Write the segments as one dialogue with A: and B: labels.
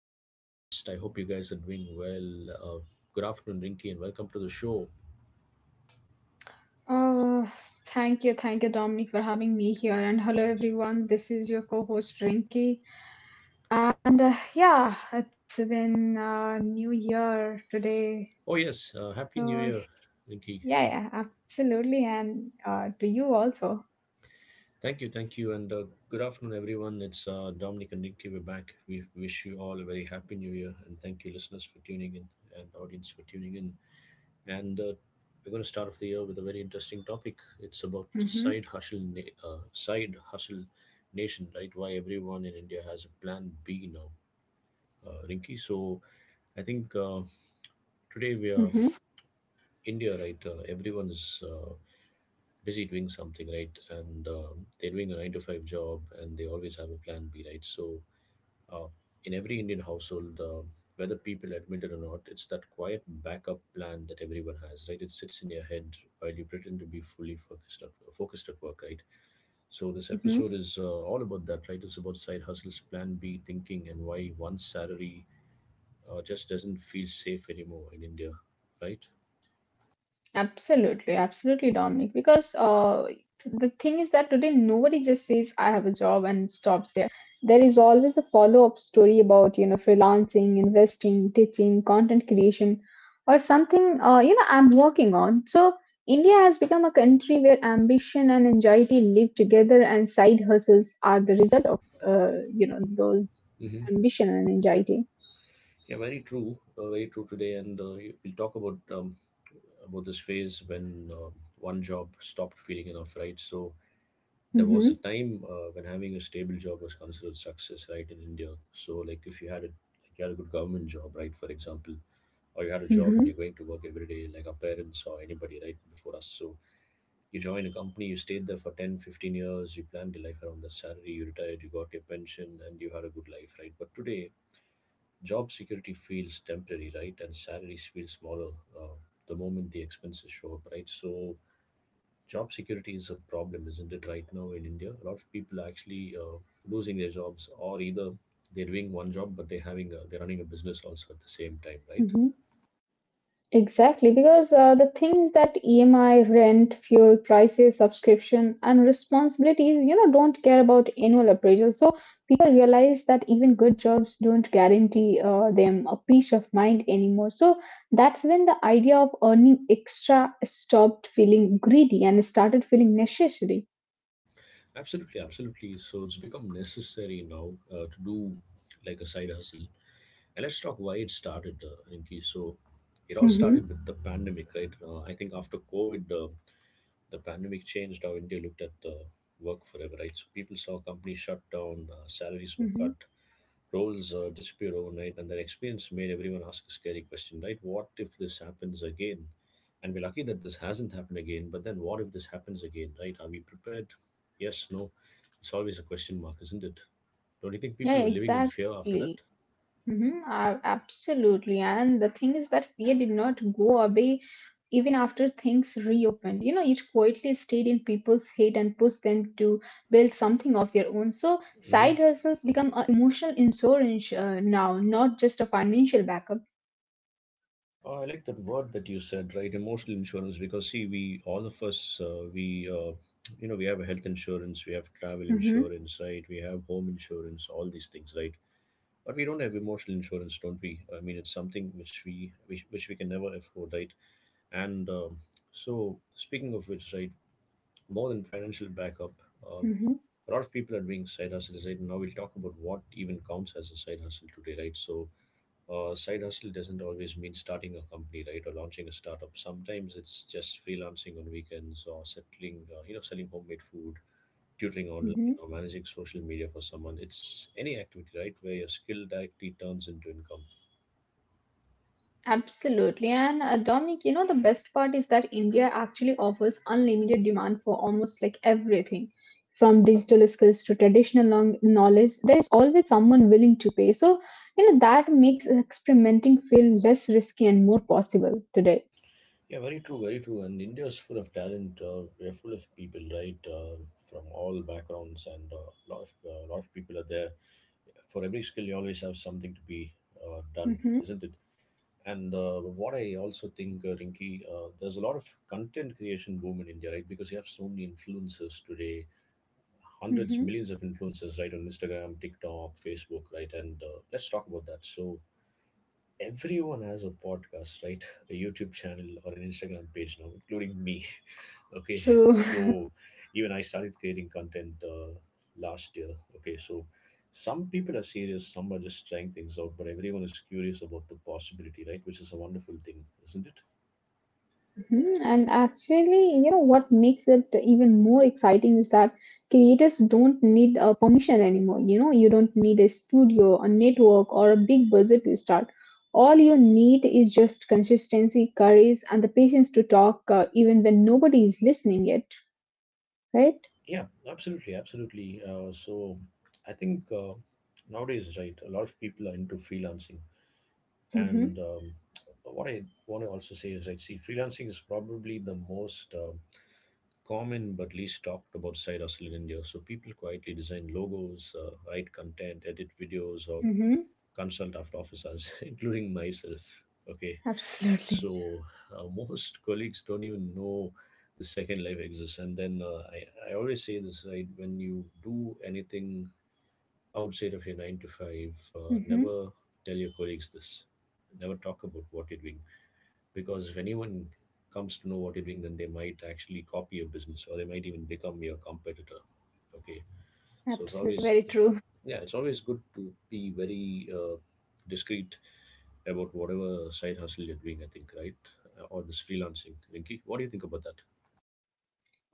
A: Podcast. I hope you guys are doing well. Good afternoon, Rinky, and welcome to the show.
B: Oh, thank you, Dominic, for having me here. And hello, everyone. This is your co host, Rinky. And yeah, it's been New Year today.
A: Oh, yes. Happy New
B: So,
A: Year, Rinky.
B: yeah, yeah, absolutely. And to you also.
A: Thank you. Thank you. And good afternoon, everyone. It's Dominic and Rinky. We're back. We wish you all a very happy New Year. And thank you, listeners, for tuning in and audience for tuning in. And We're going to start off the year with a very interesting topic. It's about side
B: Mm-hmm,
A: hustle, side hustle nation, right? Why everyone in India has a plan B now, Rinky. So I think today we are
B: mm-hmm,
A: India, right? Everyone is busy doing something, right? And they're doing a 9 to 5 job, and they always have a plan B, right? So Uh, in every Indian household, whether people admit it or not, it's that quiet backup plan that everyone has, right? It sits in your head while you pretend to be fully focused at work, right? So this
B: mm-hmm.
A: episode is all about that, right? It's about side hustles, plan B thinking, and why one salary just doesn't feel safe anymore in India, right?
B: Absolutely, absolutely, Dominic. Because the thing is that today nobody just says, I have a job and stops. There is always a follow-up story about, you know, freelancing, investing, teaching, content creation, or something, you know, I'm working on. So India has become a country where ambition and anxiety live together, and side hustles are the result of, you know, those
A: Hmm.
B: ambition and anxiety.
A: Yeah, very true. Very true today, and we'll talk about this phase when one job stopped feeling enough, right? So there was a
B: Hmm.
A: time when having a stable job was considered success, right, in India. So, like, if you had a you had a good government job, right, for example, or you had a job and you're
B: Hmm.
A: going to work every day, like our parents or anybody, right, before us. So, you join a company, you stayed there for 10, 15 years, you planned your life around that salary, you retired, you got your pension, and you had a good life, right? But today, job security feels temporary, right, and salaries feel smaller uh, the moment the expenses show up, right? So, job security is a problem, isn't it, right now in India? A lot of people are actually losing their jobs, or either they're doing one job but they're running a business also at the same time, right?
B: Hmm. Exactly, because the things that EMI, rent, fuel, prices, subscription, and responsibilities, you know, don't care about annual appraisals. People realize that even good jobs don't guarantee them a peace of mind anymore. So that's when the idea of earning extra stopped feeling greedy and started feeling necessary.
A: Absolutely, absolutely. So it's become necessary now to do like a side hustle. And let's talk why it started, Rinki. So it all started
B: Hmm.
A: with the pandemic, right? I think after COVID, the pandemic changed how India looked at work forever, right? So people saw companies shut down, salaries were cut,
B: Hmm.
A: roles disappear overnight, and that experience made everyone ask a scary question, right? What if this happens again? And we're lucky that this hasn't happened again, but then what if this happens again, right? Are we prepared? Yes, no. It's always a question mark, isn't it? Don't you think people
B: Yeah,
A: were living in fear after
B: exactly.
A: that?
B: Mm-hmm, absolutely. And the thing is that fear did not go away even after things reopened. You know, it quietly stayed in people's head and pushed them to build something of their own. So,
A: Hmm.
B: side hustles
A: Okay.
B: become an emotional insurance now, not just a financial backup.
A: Oh, I like that word that you said, right? Emotional insurance, because see, we all of us, we have a health insurance, we have travel
B: Mm-hmm,
A: insurance, right? We have home insurance, all these things, right? But we don't have emotional insurance, don't we? I mean, it's something which we can never afford, right? And so speaking of which, right, more than financial backup, um
B: mm-hmm,
A: a lot of people are doing side hustles, right? And now we'll talk about what even counts as a side hustle today, right? So side hustle doesn't always mean starting a company, right, or launching a startup. Sometimes it's just freelancing on weekends or settling you know, selling homemade food, tutoring online,
B: mm-hmm.
A: or managing social media for someone. It's any activity, right, where your skill directly turns into income.
B: Absolutely. And Dominic, you know, the best part is that India actually offers unlimited demand for almost like everything from digital skills to traditional long- knowledge. There is always someone willing to pay. So, you know, that makes experimenting feel less risky and more possible today.
A: Yeah, very true, very true. And India is full of talent. We are full of people, right, from all backgrounds, and a lot of people are there. For every skill, you always have something to be done,
B: Hmm.
A: isn't it? And what I also think, Rinki, there's a lot of content creation boom in India, right? Because you have so many influencers today, hundreds,
B: Hmm.
A: millions of influencers, right, on Instagram, TikTok, Facebook, right? And let's talk about that. So everyone has a podcast, right? A YouTube channel or an Instagram page now, including me, okay?
B: True.
A: So even I started creating content last year. Okay, so some people are serious, some are just trying things out, but everyone is curious about the possibility, right, which is a wonderful thing, isn't it?
B: Hmm. And actually, you know what makes it even more exciting is that creators don't need a permission anymore. You know, you don't need a studio, a network, or a big budget to start. All you need is just consistency, courage, and the patience to talk, even when nobody is listening yet, right?
A: Yeah, absolutely, absolutely. So I think nowadays, right, a lot of people are into freelancing. And
B: Mm-hmm.
A: what I want to also say is, I see freelancing is probably the most common but least talked about side hustle in India. So people quietly design logos, write content, edit videos, or
B: Mm-hmm.
A: consult after office hours, including myself. Okay,
B: Absolutely.
A: so most colleagues don't even know the second life exists. And then I always say this, right, when you do anything outside of your 9 to 5,
B: Mm-hmm.
A: never tell your colleagues this. Never talk about what you're doing, because if anyone comes to know what you're doing, then they might actually copy your business, or they might even become your competitor. Okay, so
B: Absolutely. Very true.
A: yeah, it's always good to be very discreet about whatever side hustle you're doing, I think, right? Or this freelancing, Rinky. What do you think about that?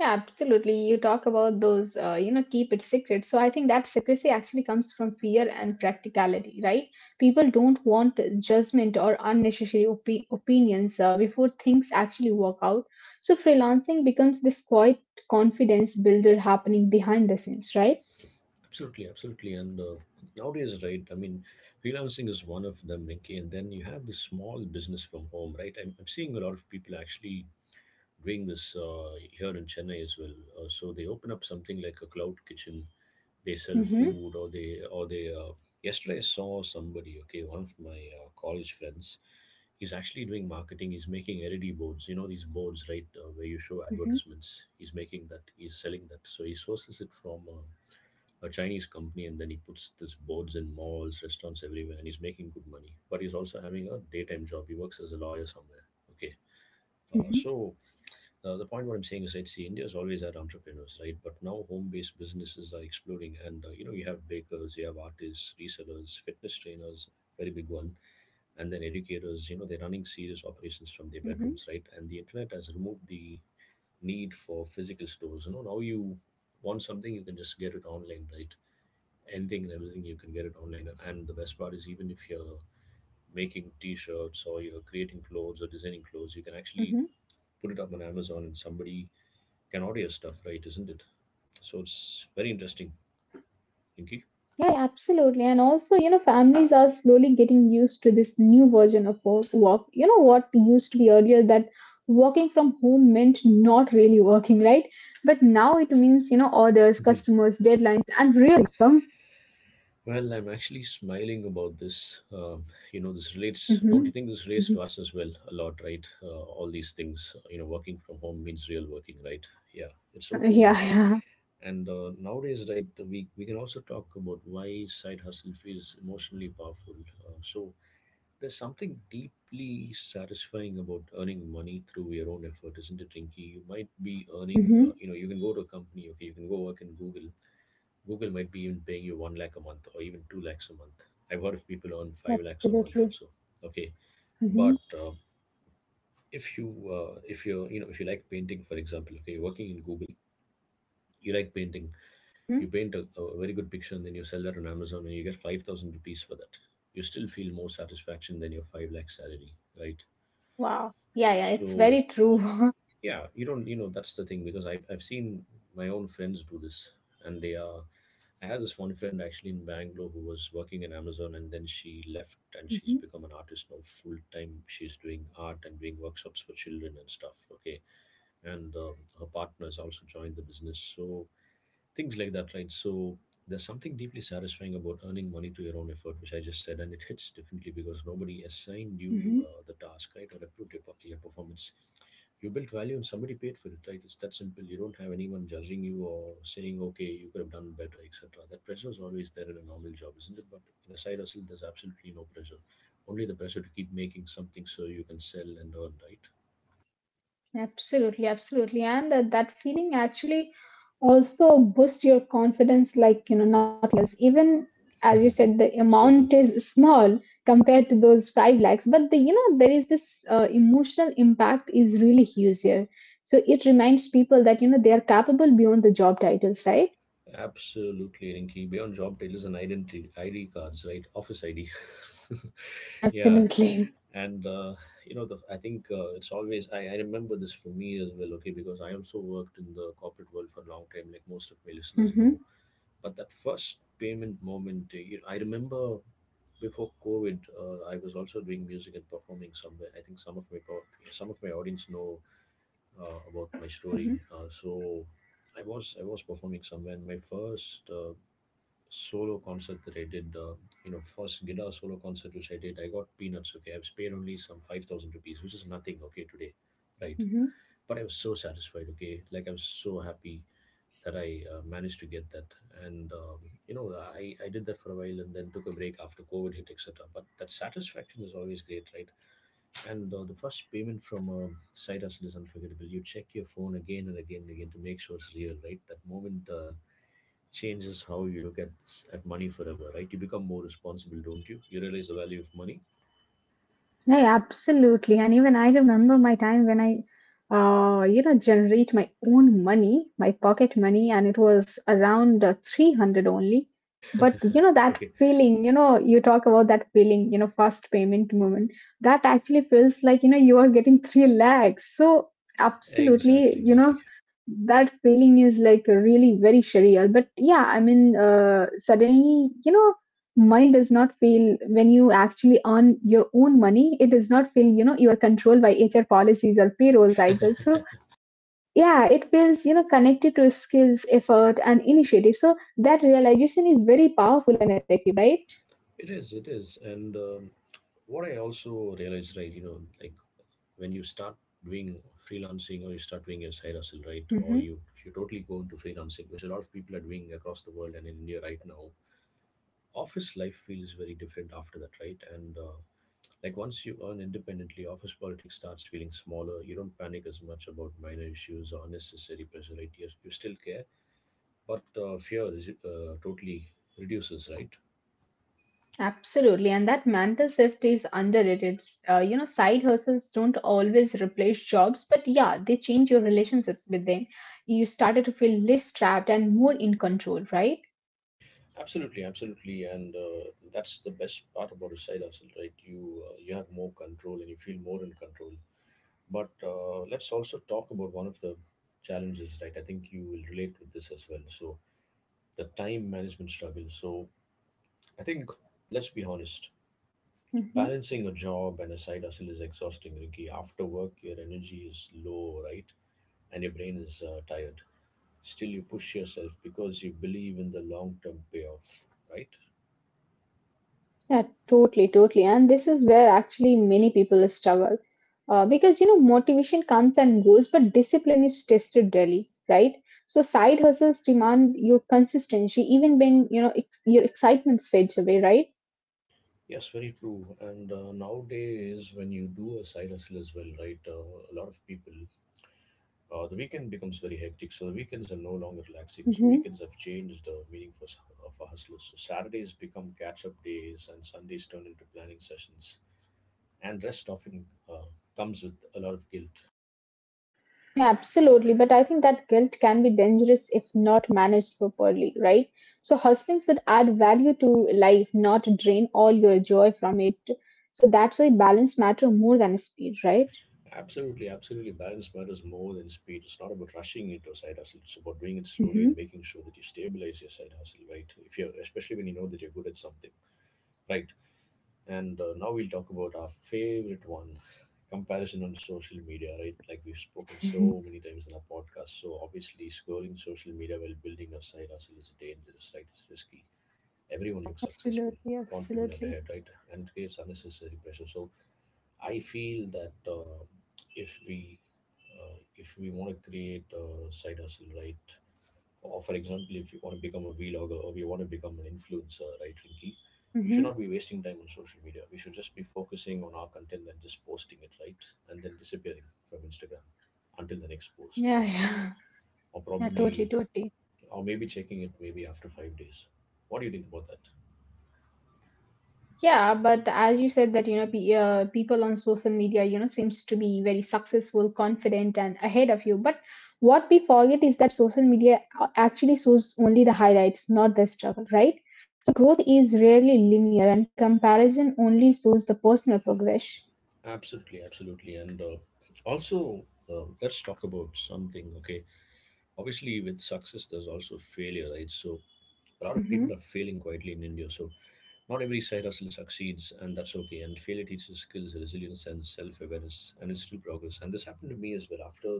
B: Yeah, absolutely. You talk about those, you know, keep it secret. So I think that secrecy actually comes from fear and practicality, right? People don't want judgment or unnecessary opinions before things actually work out. So freelancing becomes this quiet confidence builder happening behind the scenes, right?
A: Absolutely, absolutely. And nowadays, right, I mean, freelancing is one of them, Rinky. And then you have the small business from home, right? I'm seeing a lot of people actually doing this here in Chennai as well. So they open up something like a cloud kitchen. They sell
B: Mm-hmm,
A: food, yesterday I saw somebody, okay, one of my college friends, he's actually doing marketing. He's making LED boards, you know, these boards, right, where you show
B: mm-hmm,
A: advertisements. He's making that, he's selling that. So he sources it from, a Chinese company, and then he puts this boards in malls, restaurants everywhere, and he's making good money. But he's also having a daytime job. He works as a lawyer somewhere. Okay. Uh,
B: mm-hmm,
A: so the point what I'm saying is, right, see, India's always had entrepreneurs, right? But now home-based businesses are exploding, and you know, you have bakers, you have artists, resellers, fitness trainers, very big one, and then educators. You know, they're running serious operations from their bedrooms,
B: mm-hmm.
A: right? And the internet has removed the need for physical stores. You know, now you want something, you can just get it online, right? Anything and everything, you can get it online. And the best part is, even if you're making t-shirts, or you're creating clothes, or designing
B: Mm-hmm.
A: clothes, you can actually put it up on Amazon and somebody can order your stuff, right, isn't it? So it's very interesting, Inky.
B: Yeah, absolutely. And also, you know, families are slowly getting used to this new version of work. You know, what used to be earlier that working from home meant not really working, right? But now it means, you know, orders,
A: Mhm.
B: customers, deadlines, and real income.
A: Well, I'm actually smiling about this, you know, this
B: Hmm.
A: relates, don't you think this relates to
B: Hmm.
A: us as well a lot, right? All these things, you know, working from home means real working, right? Yeah, it's so true now.
B: Yeah, yeah.
A: And nowadays, right, we can also talk about why side hustle feels emotionally powerful. So there's something deeply satisfying about earning money through your own effort, isn't it, Rinky? You might be earning, you know,
B: Hmm.
A: you can go to a company, okay, you can go work in Google. Google might be even paying you one lakh a month or even two lakhs a month. I've heard of people earn five lakhs a month
B: Absolutely.
A: also. Okay, but
B: Hmm.
A: if you if you, you know, if you like painting, for example, okay, you're working in Google, you like painting. You
B: Hmm.
A: paint a very good picture, and then you sell that on Amazon and you get 5,000 rupees for that. You still feel more satisfaction than your 5 lakh salary, right?
B: Wow. Yeah, yeah. It's
A: So,
B: very true.
A: yeah, you don't, you know, that's the thing, because I've seen my own friends do this, and they are. I had this one friend actually in Bangalore who was working in Amazon, and then she left and she's
B: Hmm.
A: become an artist now full time. She's doing art and doing workshops for children and stuff. Okay. And her partner has also joined the business. So, things like that, right? So there's something deeply satisfying about earning money through your own effort, which I just said, and it hits differently because nobody assigned you
B: Hmm.
A: the task, right, or approved your performance. You built value and somebody paid for it, right? It's that simple. You don't have anyone judging you or saying, okay, you could have done better, etc. That pressure is always there in a normal job, isn't it? But in a side hustle, there's absolutely no pressure. Only the pressure to keep making something so you can sell and earn, right?
B: Absolutely, absolutely. And that feeling actually also boosts your confidence like, you know, nothing else. Even as you said, the
A: So true.
B: amount is small compared to those 5 lakhs, but the, you know, there is this emotional impact is really huge here. So it reminds people that, you know, they are capable beyond the job titles, right?
A: Absolutely, Rinky. Beyond job titles and identity ID cards, right? Office ID. Yeah,
B: Absolutely.
A: and you know, I think it's always I remember this for me as well. Okay, because I also worked in the corporate world for a long time, like most of my listeners know.
B: Mm-hmm,
A: But that first payment moment, you I remember before COVID, I was also doing music and performing somewhere. I think some of my audience know about my
B: mm-hmm,
A: story. So I was performing somewhere, and my first solo concert that I did, you know, first guitar solo concert which I did, I got peanuts. Okay, I have paid only some 5,000 rupees, which is nothing. Okay, today, right?
B: mm-hmm.
A: But I was so satisfied. Okay, like I was so happy that I managed to get that, and you know, I did that for a while, and then took a break after COVID hit, etc. But that satisfaction is always great, right? And the first payment from a side hustle is unforgettable. You check your phone again and again and again to make sure it's real, right? That moment. Changes how you look at at money forever, right? You become more responsible, don't you? You realize the value of money.
B: Yeah, yeah, absolutely. And even I remember my time when you know, generate my own money, my pocket money, and it was around 300 only. But you know, that
A: Okay,
B: feeling, you know, you talk about that feeling, you know, first payment moment, that actually feels like, you know, you are getting 3 lakhs. So absolutely,
A: exactly,
B: you know,
A: exactly.
B: that feeling is like really very surreal, but yeah, I mean, suddenly you know money does not feel, when you actually earn your own money, it does not feel you know you are controlled by HR policies or payroll cycles. So yeah, it feels you know connected to skills, effort and initiative. So that realization is very powerful and effective, right?
A: It is, it is. And What I also realized, right? You know, like when you start doing freelancing or you start doing your side hustle, right? Or you if you totally go into freelancing, which a lot of people are doing across the world and in India right now. Office life feels very different after that, right? And Like once you earn independently, office politics starts feeling smaller. You don't panic as much about minor issues or unnecessary pressure, right? You still care, but fear is, totally reduces, right?
B: Absolutely, and that mental shift is underrated. You know, side hustles don't always replace jobs, but yeah, they change your relationships with them. You started to feel less trapped and more in control, right?
A: Absolutely, absolutely, and that's the best part about a side hustle, right? You have more control and you feel more in control. But let's also talk about one of the challenges, right? I think you will relate with this as well. So the time management struggle. So I think let's be honest.
B: Mhm.
A: Balancing a job and a side hustle is exhausting, Ricky. After work, your energy is low, right? And your brain is tired. Still, you push yourself because you believe in the long term payoff, right?
B: Yeah, totally, totally. And this is where actually many people struggle. Because, you know, motivation comes and goes, but discipline is tested daily, right? So side hustles demand your consistency, even when, you know, your excitement fades away, right?
A: Yes, very true. And nowadays, when you do a side hustle as well, right? A lot of people, the weekend becomes very hectic. So, the weekends are no longer relaxing. So,
B: Hmm.
A: weekends have changed the meaning for hustlers. So, Saturdays become catch up days, and Sundays turn into planning sessions and rest often uh, comes with a lot of guilt.
B: Yeah, absolutely. But I think that guilt can be dangerous if not managed properly, right? So hustling should add value to life, not drain all your joy from it. So that's why balance matter more than speed, right?
A: Absolutely, absolutely. Balance matters more than speed. It's not about rushing into a side hustle. It's about doing it slowly and
B: Hmm.
A: making sure that you stabilize your side hustle, right? If you're, especially when you know that you're good at something, right? And now we'll talk about our favorite one, comparison on social media, right? Like we've spoken so many times in our podcast. So obviously, scrolling social media while building a side hustle is dangerous, right? It's risky. Everyone looks successful,
B: Absolutely,
A: confident, and ahead,
B: absolutely.
A: right? And it creates unnecessary pressure. So I feel that if we if we want to create a side hustle, right? Or for example, if you want to become a vlogger or we want to become an influencer, right, Rinky? We should not
B: Hmm.
A: be wasting time on social media. We should just be focusing on our content and just posting it, right? And then disappearing from Instagram until the next post,
B: Yeah,
A: right?
B: yeah,
A: Or
B: yeah, totally,
A: probably,
B: totally.
A: or maybe checking it maybe after five days. What do you think about that?
B: Yeah, but as you said that, you know, pe people on social media, you know, seems to be very successful, confident, and ahead of you. But what we forget is that social media actually shows only the highlights, not the struggle, right? So growth is rarely linear, and comparison only shows the personal progress.
A: Absolutely, absolutely. And also, let's talk about something, okay? Obviously with success there's also failure, right? So a lot of people
B: Mm-hmm,
A: are failing quietly in India. So not every side hustle succeeds, and that's okay, and failure teaches skills, resilience, and self-awareness, and it's still progress. And this happened to me as well. after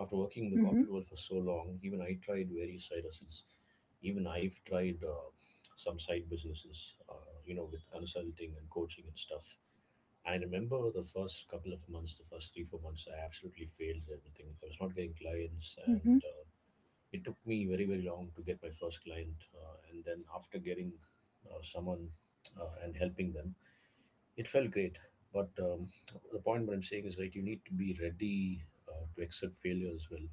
A: after working in the corporate world for so long, even I tried various side hustles, even I've tried some side businesses, you know, with consulting and coaching and stuff. And I remember the first couple of months, the first 3 4 months I absolutely failed at everything. I was not getting clients,
B: mm-hmm.
A: and it took me very very long to get my first client, and then after getting someone and helping them, it felt great. But the point what I'm saying is, right, you need to be ready to accept failure as well.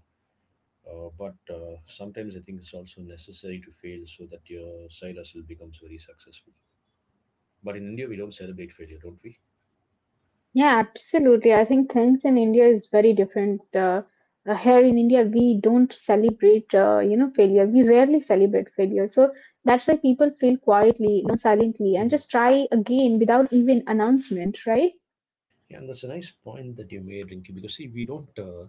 A: But sometimes I think it's also necessary to fail so that your side hustle becomes very successful. But in India we don't celebrate failure, don't we?
B: Yeah, absolutely. I think things in India is very different. Here in India, we don't celebrate, you know, failure. We rarely celebrate failure. So that's why people fail quietly, learn
A: Hmm.
B: silently, and just try again without even announcement, right?
A: Yeah, and that's a nice point that you made, Rinky. Because see, we don't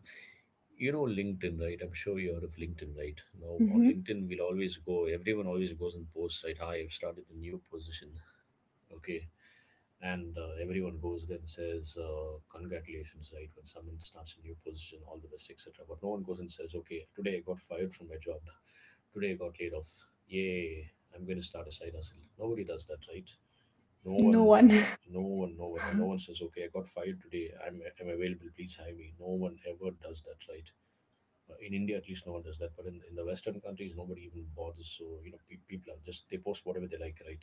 A: you know, LinkedIn, right? I'm sure you heard of LinkedIn, right? Now on
B: Hmm.
A: LinkedIn, we'll always go everyone always goes and posts, right? Hi, I've started a new position. Okay. And everyone goes there and says congratulations, right, when someone starts a new position, all the best, etc. But no one goes and says, okay, today I got fired from my job, today I got laid off, yay, I'm going to start a side hustle. Nobody does that, right? no one
B: No
A: uh,
B: one.
A: no one, and no one says, okay, I got fired today, I'm available, please hire me. No one ever does that, right? In India at least no one does that, but in the Western countries nobody even bothers. So you know people are just, they post whatever they like, right?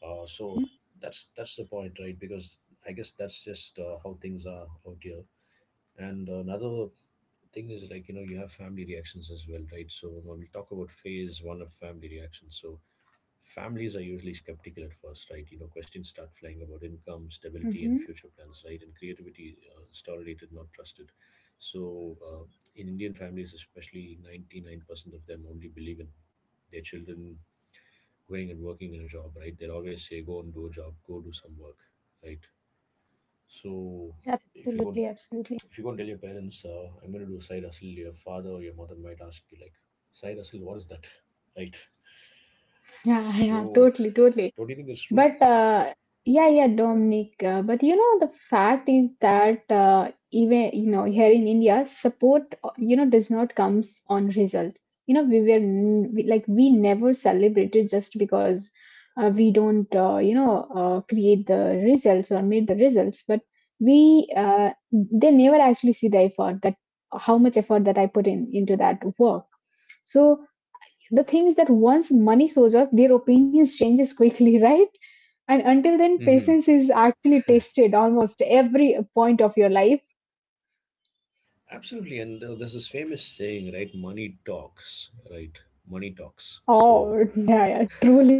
A: So that's the point, right? Because I guess that's just how things are out here. And another thing is, like, you know, you have family reactions as well, right? So when we talk about phase one of family reactions, so families are usually skeptical at first, right? You know, questions start flying about income, stability, and
B: Hmm.
A: future plans, right? And creativity is tolerated, not trusted. So, in Indian families, especially, 99% of them only believe in their children going and working in a job, right? They always say, "Go and do a job, go do some work," right? So, if you go,
B: Absolutely, absolutely.
A: if you go and tell your parents, "I'm going to do side hustle," your father or your mother might ask you, like, "Side hustle, what is that?" Right?
B: Yeah, yeah,
A: So,
B: totally, totally.
A: don't you think it's true?
B: But yeah, yeah, Dominic. But you know, the fact is that even you know here in India, support you know does not comes on result. You know, we were like we never celebrated just because we don't you know create the results or meet the results. But we they never actually see the effort that how much effort that I put in into that work. So the thing is that once money shows up, their opinions changes quickly, right? And until then, patience is actually tested almost every point of your life.
A: Absolutely, and there's this famous saying, right? Money talks, right? Money talks. So,
B: Oh, yeah, yeah, truly.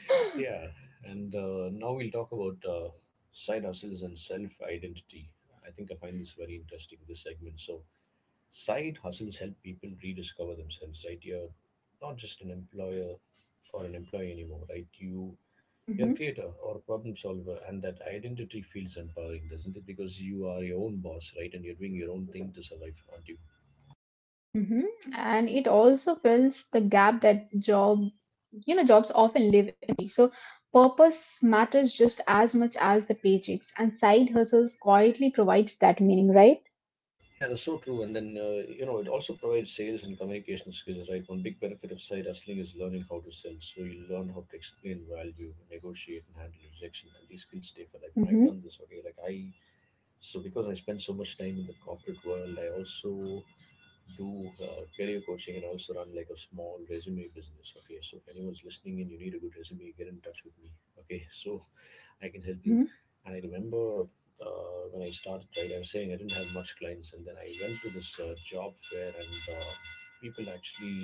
A: yeah, and now we'll talk about side hustles and self identity. I think I find this very interesting, this segment. So, side hustles help people rediscover themselves, right? You're not just an employer or an employee anymore, right? You're a
B: Mhm.
A: creator or a problem solver, and that identity feels empowering, doesn't it? Because you are your own boss, right? And you're doing your own thing to survive, aren't you?
B: Mhm. And it also fills the gap that job, you know, jobs often live empty. So purpose matters just as much as the paychecks, and side hustles quietly provides that meaning, right?
A: Yeah, that's so true. And then, you know, it also provides sales and communication skills, right? One big benefit of side hustling is learning how to sell. So you learn how to explain value, negotiate, and handle rejection. And these skills stay for life. And I've done this
B: Mm-hmm,
A: already. So because I spend so much time in the corporate world, I also do career coaching and also run like a small resume business. Okay, so if anyone's listening and you need a good resume, get in touch with me. Okay, so I can help you. And
B: mm-hmm,
A: I remember when I started, right, I was saying I didn't have much clients, and then I went to this job fair, and people actually,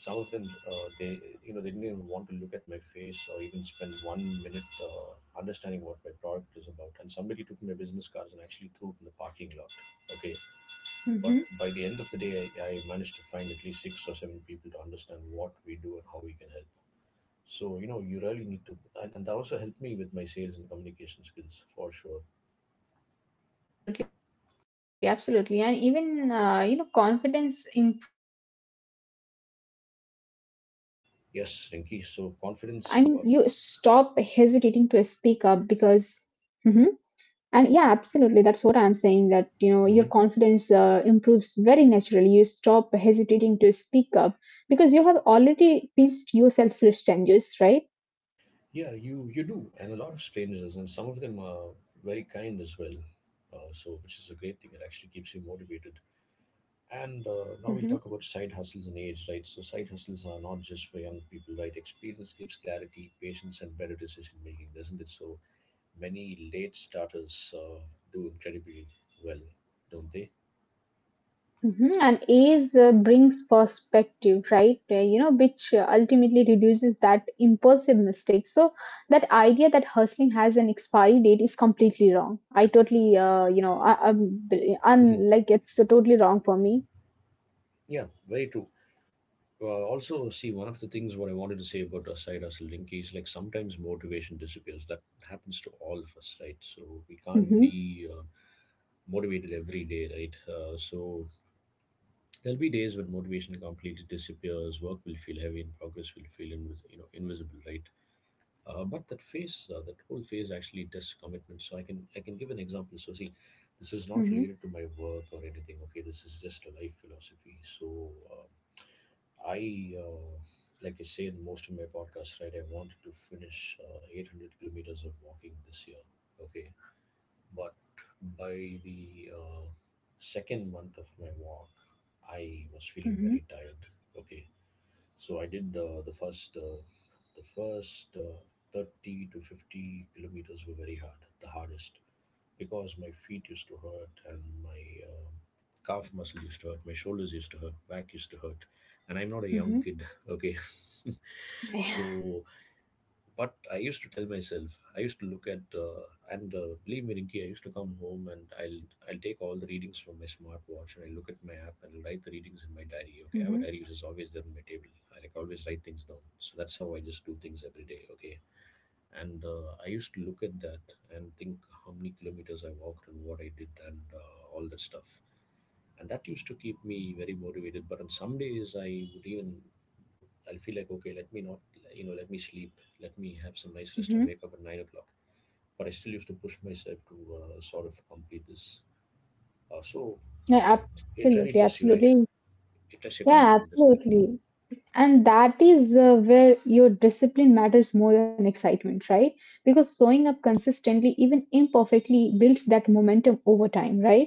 A: some of them, uh, they you know they didn't even want to look at my face or even spend 1 minute understanding what my product is about. And somebody took my business cards and actually threw it in the parking lot. Okay, but by the end of
B: mm-hmm.
A: the day, I managed to find at least 6 or 7 people to understand what we do and how we can help. So, you know, you really need to, and that also helped me with my sales and communication skills for sure.
B: Absolutely, absolutely. And even, you know, confidence improves naturally, you know, right? I mean,
A: Yes,
B: you
A: Rinki. So,
B: stop
A: confidence.
B: hesitating to speak up because, Mhm. And yeah, absolutely. That's what I'm saying that, you know, your confidence
A: Mhm.
B: improves very naturally. You stop hesitating to speak up because you have already pieced yourself to strangers, right?
A: Yeah, you do, and a lot of strangers, and some of them are very kind as well. So, which is a great thing. It actually keeps you motivated. And now we'll talk about
B: Hmm.
A: side hustles and age, right? So, side hustles are not just for young people, right? Experience gives clarity, patience, and better decision making, doesn't it? So, many late starters do incredibly well, don't they?
B: Hmm. And age brings perspective, right? You know, which ultimately reduces that impulsive mistake. So that idea that hustling has an expiry date is completely wrong. I totally, you know, I'm
A: hmm
B: like it's totally wrong for me.
A: Yeah, very true. Also, see, one of the things what I wanted to say about our side hustle Linky is like sometimes motivation disappears. That happens to all of us, right? So we can't
B: Hmm.
A: be motivated every day, right? So there'll be days when motivation completely disappears. Work will feel heavy, and progress will feel invisible, right? But that whole phase actually tests commitment. So I can give an example. So see, this is not
B: Hmm.
A: related to my work or anything. Okay, this is just a life philosophy. So I, uh, like I say in most of my podcasts, right? I wanted to finish 800 kilometers of walking this year. Okay, but by the second month of my walk, I was feeling
B: Hmm.
A: very tired. Okay, so I did the first 30 to 50 kilometers were very hard, the hardest because my feet used to hurt and my um calf muscle used to hurt, my shoulders used to hurt, back used to hurt, and I'm not a young
B: Hmm.
A: kid. Okay,
B: Yeah.
A: so but I used to tell myself, I used to look at, and believe me, Rinki, I used to come home and I'll take all the readings from my smartwatch and I look at my app and I'll write the readings in my diary. Okay, I have a
B: Hmm.
A: diary which is always there on my table. I like always write things down. So that's how I just do things every day. Okay, and I used to look at that and think how many kilometers I walked and what I did and all that stuff, and that used to keep me very motivated. But on some days I would even I'll feel like, okay, let me not, you know, let me sleep, let me have some nice rest
B: Hmm.
A: and wake up at 9 o'clock. But I still used to push myself to sort of complete this. So
B: Yeah,
A: it
B: absolutely,
A: really tests you, right?
B: absolutely.
A: It tests your
B: Yeah,
A: commitment, doesn't it?
B: absolutely. And that is where your discipline matters more than excitement, right? Because showing up consistently, even imperfectly, builds that momentum over time, right?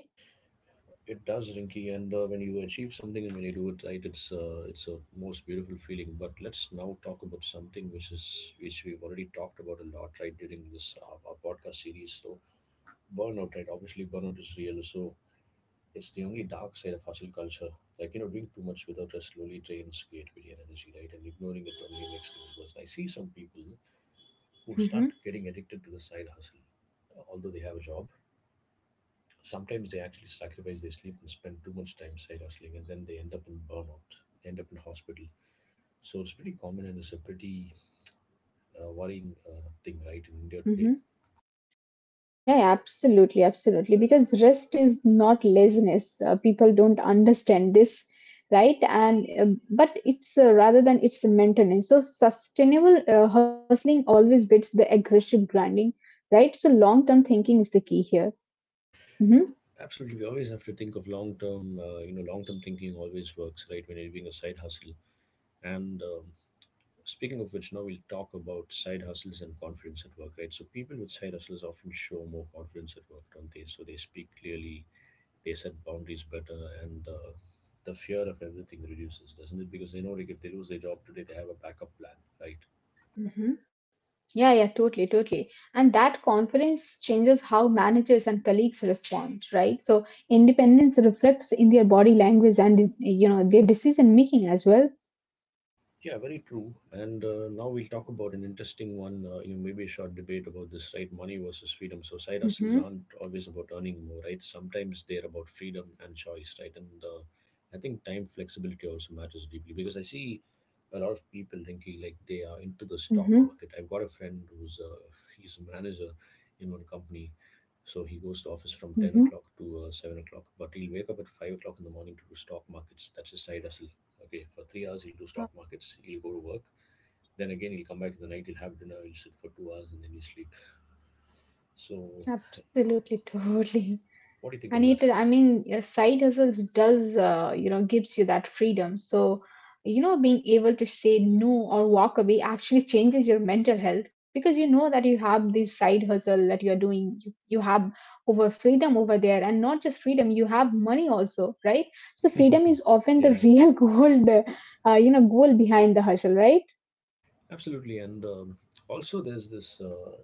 A: It does, Rinky. And when you achieve something and when you do it right, it's a most beautiful feeling. But let's now talk about something which is which we've already talked about a lot, right, during this our podcast series. So burnout, right? Obviously burnout is real. So it's the only dark side of hustle culture. Like you know, doing too much without rest slowly drains creativity and energy, right? And ignoring it only makes things worse. I see some people who
B: Mm-hmm.
A: start getting addicted to the side hustle, although they have a job. Sometimes they actually sacrifice their sleep and spend too much time side hustling, and then they end up in burnout, they end up in hospital. So it's pretty common, and it's a pretty worrying thing, right, in India today.
B: Yeah, yeah, absolutely, absolutely. Because rest is not laziness. People don't understand this, right? And but it's rather than it's a maintenance. So sustainable hustling always beats the aggressive grinding, right? So long term thinking is the key here. Hmm.
A: Absolutely. We always have to think of long term, you know, long term thinking always works, right, when you're doing a side hustle. And speaking of which, now we'll talk about side hustles and confidence at work, right? So people with side hustles often show more confidence at work, don't they? So they speak clearly, they set boundaries better, and the fear of everything reduces, doesn't it, because they know, like, if they lose their job today, they have a backup plan, right?
B: Hmm. Yeah, yeah, totally, totally. And that confidence changes how managers and colleagues respond, right? So independence reflects in their body language and you know their decision making as well.
A: Yeah, very true. And now we'll talk about an interesting one, you know, maybe a short debate about this, right? Money versus freedom. So side hustles
B: Hmm.
A: aren't always about earning more, right? Sometimes they're about freedom and choice, right? And I think time flexibility also matters deeply, because I see a lot of people thinking like they are into the stock
B: Mm-hmm.
A: market. I've got a friend who's he's a manager in one company. So he goes to office from 10 o'clock to 7 o'clock, but he'll wake up at 5 o'clock in the morning to do stock markets. That's his side hustle. Okay, for 3 hours he'll do
B: Uh,
A: stock markets, he'll go to work. Then again, he'll come back in the night, he'll have dinner, he'll sit for 2 hours, and then he'll sleep. So,
B: Absolutely, totally.
A: what do you think of
B: And
A: that?
B: it, I mean, your side hustle does, you know, gives you that freedom. So, you know, being able to say no or walk away actually changes your mental health because you know that you have this side hustle that you're doing. You have over freedom over there, and not just freedom, you have money also, right? So, freedom is often the
A: Yeah,
B: real goal, the, you know, goal behind the hustle, right?
A: absolutely. And also, there's this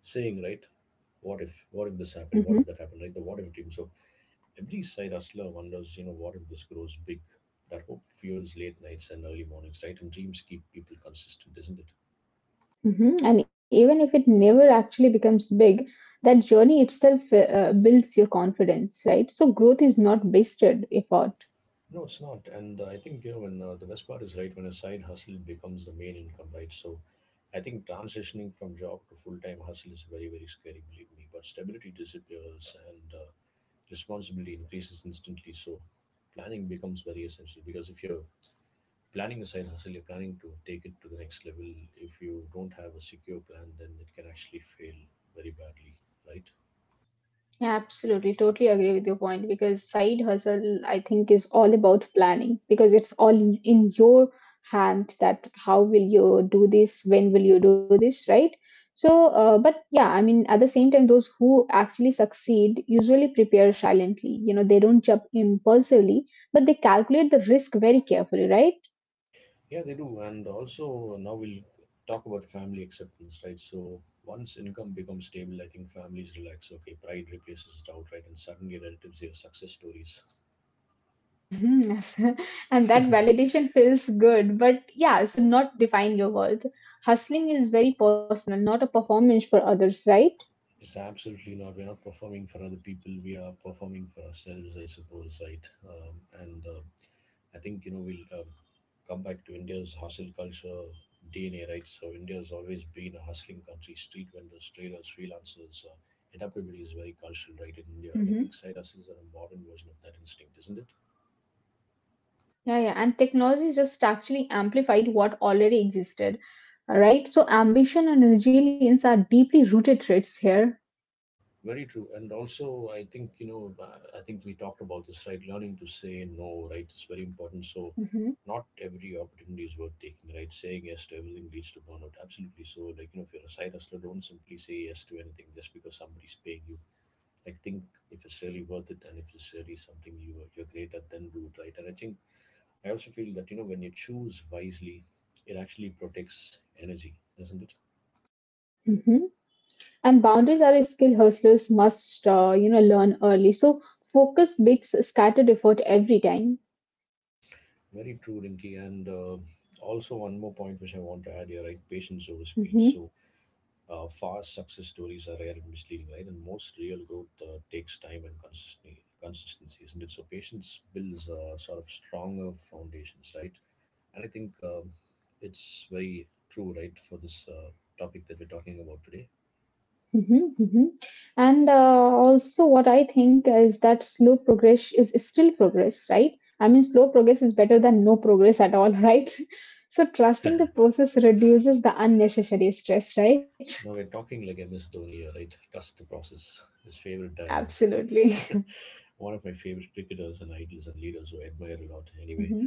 A: saying, right? What if? What if this happened? What if
B: Mm-hmm.
A: that happened? Right? The what if dream. So, every side hustler wonders, you know, what if this grows big? That hope fuels late nights and early mornings, right? And dreams keep people consistent, isn't it?
B: Mhm. And even if it never actually becomes big, that journey itself builds your confidence, right? So growth is not wasted effort.
A: No, it's not. And I think you know when the best part is right when a side hustle becomes the main income, right? So, I think transitioning from job to full time hustle is very very scary, believe me. But stability disappears and responsibility increases instantly. So, planning becomes very essential, because if you're planning a side hustle, you're planning to take it to the next level. If you don't have a secure plan, then it can actually fail very badly, right?
B: Absolutely, totally agree with your point because side hustle, I think, is all about planning because it's all in your hand that how will you do this, when will you do this, right? So, but yeah, I mean, at the same time, those who actually succeed usually prepare silently. You know, they don't jump impulsively, but they calculate the risk very carefully, right?
A: Yeah, they do. And also, now we'll talk about family acceptance, right? So, once income becomes stable, I think families relax. Okay, pride replaces doubt, right? And suddenly relatives hear success stories.
B: Mhm, and that validation feels good, but yeah, so not define your worth. Hustling is very personal, not a performance for others, right?
A: It's absolutely not. We're not performing for other people. We are performing for ourselves, I suppose, right? And I think you know we'll come back to India's hustle culture DNA, right? So India's always been a hustling country. Street vendors, traders, freelancers, adaptability is very cultural, right, in India. And I think
B: Hmm.
A: side hustles are a modern version of that instinct, isn't it?
B: Yeah, yeah, and technology just actually amplified what already existed, right? So ambition and resilience are deeply rooted traits here.
A: Very true. And also, I think you know, I think we talked about this, right? Learning to say no, right? It's very important. So.
B: Mhm,
A: Not every opportunity is worth taking, right? Saying yes to everything leads to burnout. Absolutely. So, like, you know, if you're a side hustler, don't simply say yes to anything just because somebody's paying you. Like think if it's really worth it and if it's really something you're great at, then do it, right? And I think I also feel that, you know, when you choose wisely, it actually protects energy, doesn't it?
B: mhm. And boundaries are a skill hustlers must, you know, learn early. So focus makes scattered effort every time.
A: Very true, Rinky. And also one more point which I want to add here, right? Patience over speed.
B: Hmm.
A: So fast success stories are rare and misleading, right? And most real growth takes time and consistency. Consistency isn't it? So patience builds sort of stronger foundations, right? And I think it's very true, right, for this topic that we're talking about today.
B: Hmm. Hmm. And also, what I think is that slow progress is still progress, right? I mean, slow progress is better than no progress at all, right? So trusting the process reduces the unnecessary stress, right?
A: Now we're talking like MS Dhoni here, right? Trust the process. His favorite dialogue.
B: Absolutely.
A: One of my favorite cricketers and idols and leaders who I admire a lot. Anyway,
B: Hmm.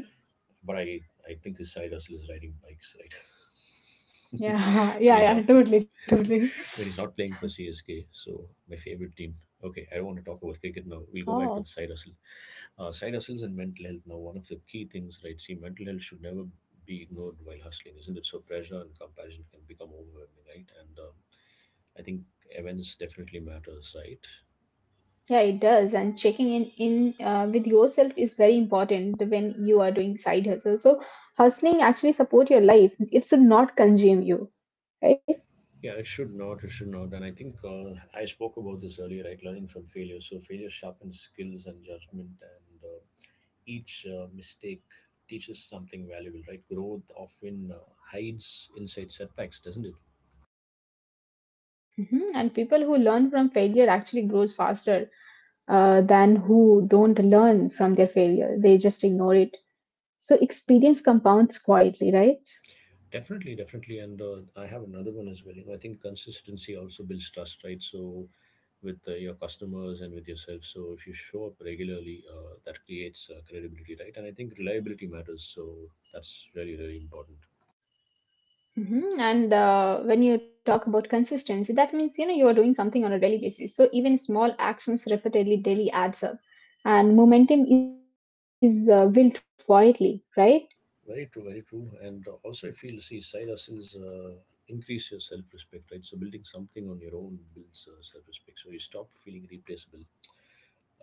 A: but I think his side hustle is riding bikes, right?
B: Yeah,
A: when
B: yeah,
A: he's
B: yeah,
A: not
B: totally, totally.
A: when he's not playing for CSK. So my favorite team. Okay, I don't want to talk about cricket now. We'll go back
B: Oh,
A: to the side hustle. Side hustles and mental health. Now, one of the key things, right? See, mental health should never be ignored while hustling, isn't it? So, pressure and comparison can become overwhelming, right? And I think events definitely matters, right?
B: yeah, it does. And checking in with yourself is very important when you are doing side hustle. So hustling actually support your life. It should not consume you, right?
A: Yeah, it should not. It should not. And I think I spoke about this earlier, right? Learning from failure. So, failure sharpens skills and judgment, and each mistake teaches something valuable, right? Growth often hides inside setbacks, doesn't it?
B: Mhm. And people who learn from failure actually grows faster than who don't learn from their failure. They just ignore it. So experience compounds quietly, right?
A: Definitely, definitely. And I have another one as well. You know, I think consistency also builds trust, right? So, with your customers and with yourself. So, if you show up regularly, that creates credibility, right? And I think reliability matters. So, that's really, really important.
B: Hmm. And when you talk about consistency, that means you know you are doing something on a daily basis. So even small actions repeatedly daily adds up, and momentum is built quietly, right?
A: Very true, very true. And also, I feel see side hustles increase your self respect, right? So, building something on your own builds self respect. So, you stop feeling replaceable.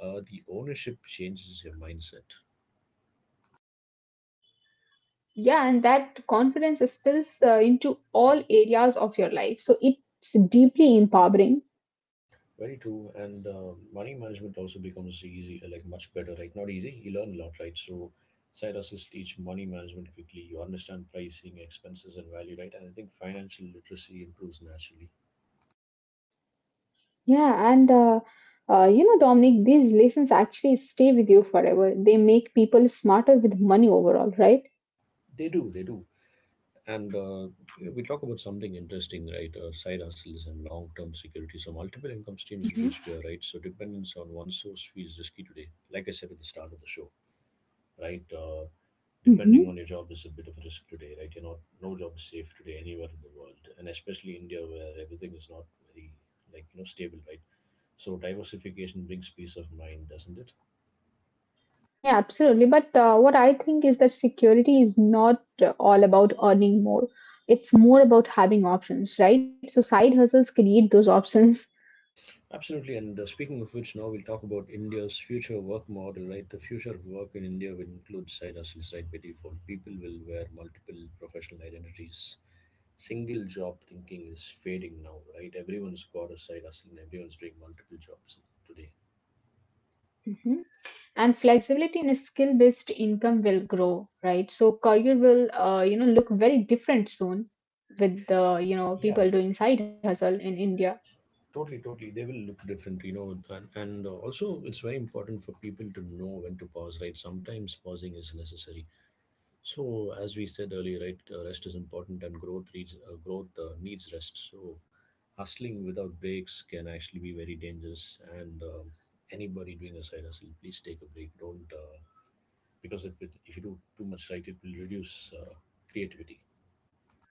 A: The ownership changes your mindset.
B: Yeah, and that confidence spills into all areas of your life. So it's deeply empowering.
A: Very true. And money management also becomes easy, like much better, right? Not easy. You learn a lot, right? So, side hustles teach money management quickly. You understand pricing, expenses, and value, right? And I think financial literacy improves naturally.
B: Yeah, and you know, Dominic, these lessons actually stay with you forever. They make people smarter with money overall, right?
A: They do, they do. And we talk about something interesting, right? Side hustles and long-term security. So, multiple income streams reduce
B: Mm-hmm.
A: fear, right? So, dependence on one source feels risky today. Like I said at the start of the show. Right? Depending on your job is a bit of a risk today, right? You're not No job is safe today anywhere in the world, and especially India where everything is not very, like you know, stable, right? So diversification brings peace of mind, doesn't it?
B: Yeah, absolutely. But what I think is that security is not all about earning more. It's more about having options, right? So side hustles create those options.
A: Absolutely. And speaking of which, now we'll talk about India's future work model, right? The future of work in India will include side hustles, right? By default, people will wear multiple professional identities. Single job thinking is fading now, right? Everyone's got a side hustle and everyone's doing multiple jobs today.
B: Mhm. And flexibility in a skill-based income will grow, right? So career will, you know, look very different soon with the, you know,
A: Yeah,
B: people doing side hustle in India.
A: totally, totally. They will look different, you know. And also, it's very important for people to know when to pause, right? Sometimes pausing is necessary. So, as we said earlier, right, rest is important, and growth needs rest. So, hustling without breaks can actually be very dangerous. And anybody doing a side hustle, please take a break. Don't because if, it, if you do too much, right, it will reduce creativity.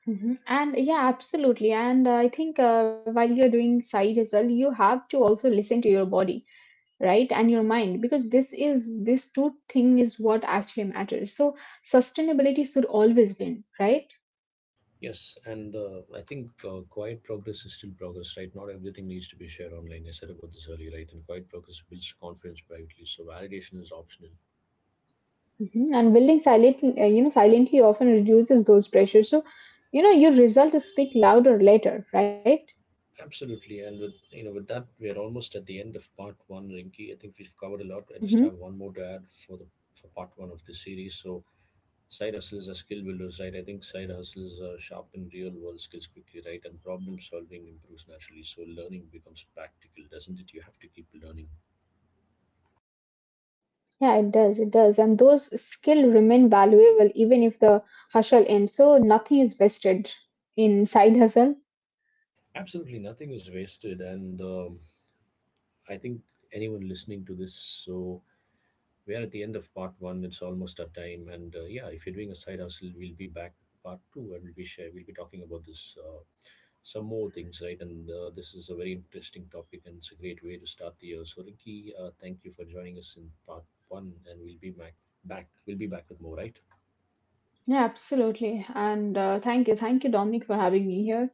B: Mhm. And yeah, absolutely. And I think while you're doing side hustle, you have to also listen to your body. Right, and your mind, because this is this two thing is what actually matters. So sustainability should always win, right?
A: Yes, and I think quiet progress is still progress, right? Not everything needs to be shared online. I said about this earlier, right? And quiet progress builds confidence privately, so validation is optional.
B: Mhm. And building silently you know silently often reduces those pressures. So you know your results speak louder later, right?
A: Absolutely, and with you know with that, we're almost at the end of part one, Rinky. I think we've covered a lot. I just
B: Hmm.
A: have one more to add for the for part one of this series. So side hustles are skill builders, right? I think side hustles sharpen real world skills quickly, right? And problem solving improves naturally, so learning becomes practical, doesn't it? You have to keep learning.
B: Yeah, it does, it does. And those skill remain valuable even if the hustle ends. So nothing is wasted in side hustle.
A: Absolutely nothing is wasted. And I think anyone listening to this, so we are at the end of part one. It's almost our time. And yeah, if you're doing a side hustle, we'll be back with part two and we'll be talking about this some more things, right? And this is a very interesting topic and it's a great way to start the year. So Ricky, thank you for joining us in part one and we'll be back back. We'll be back with more, right?
B: Yeah, absolutely. And thank you, thank you, Dominic, for having me here.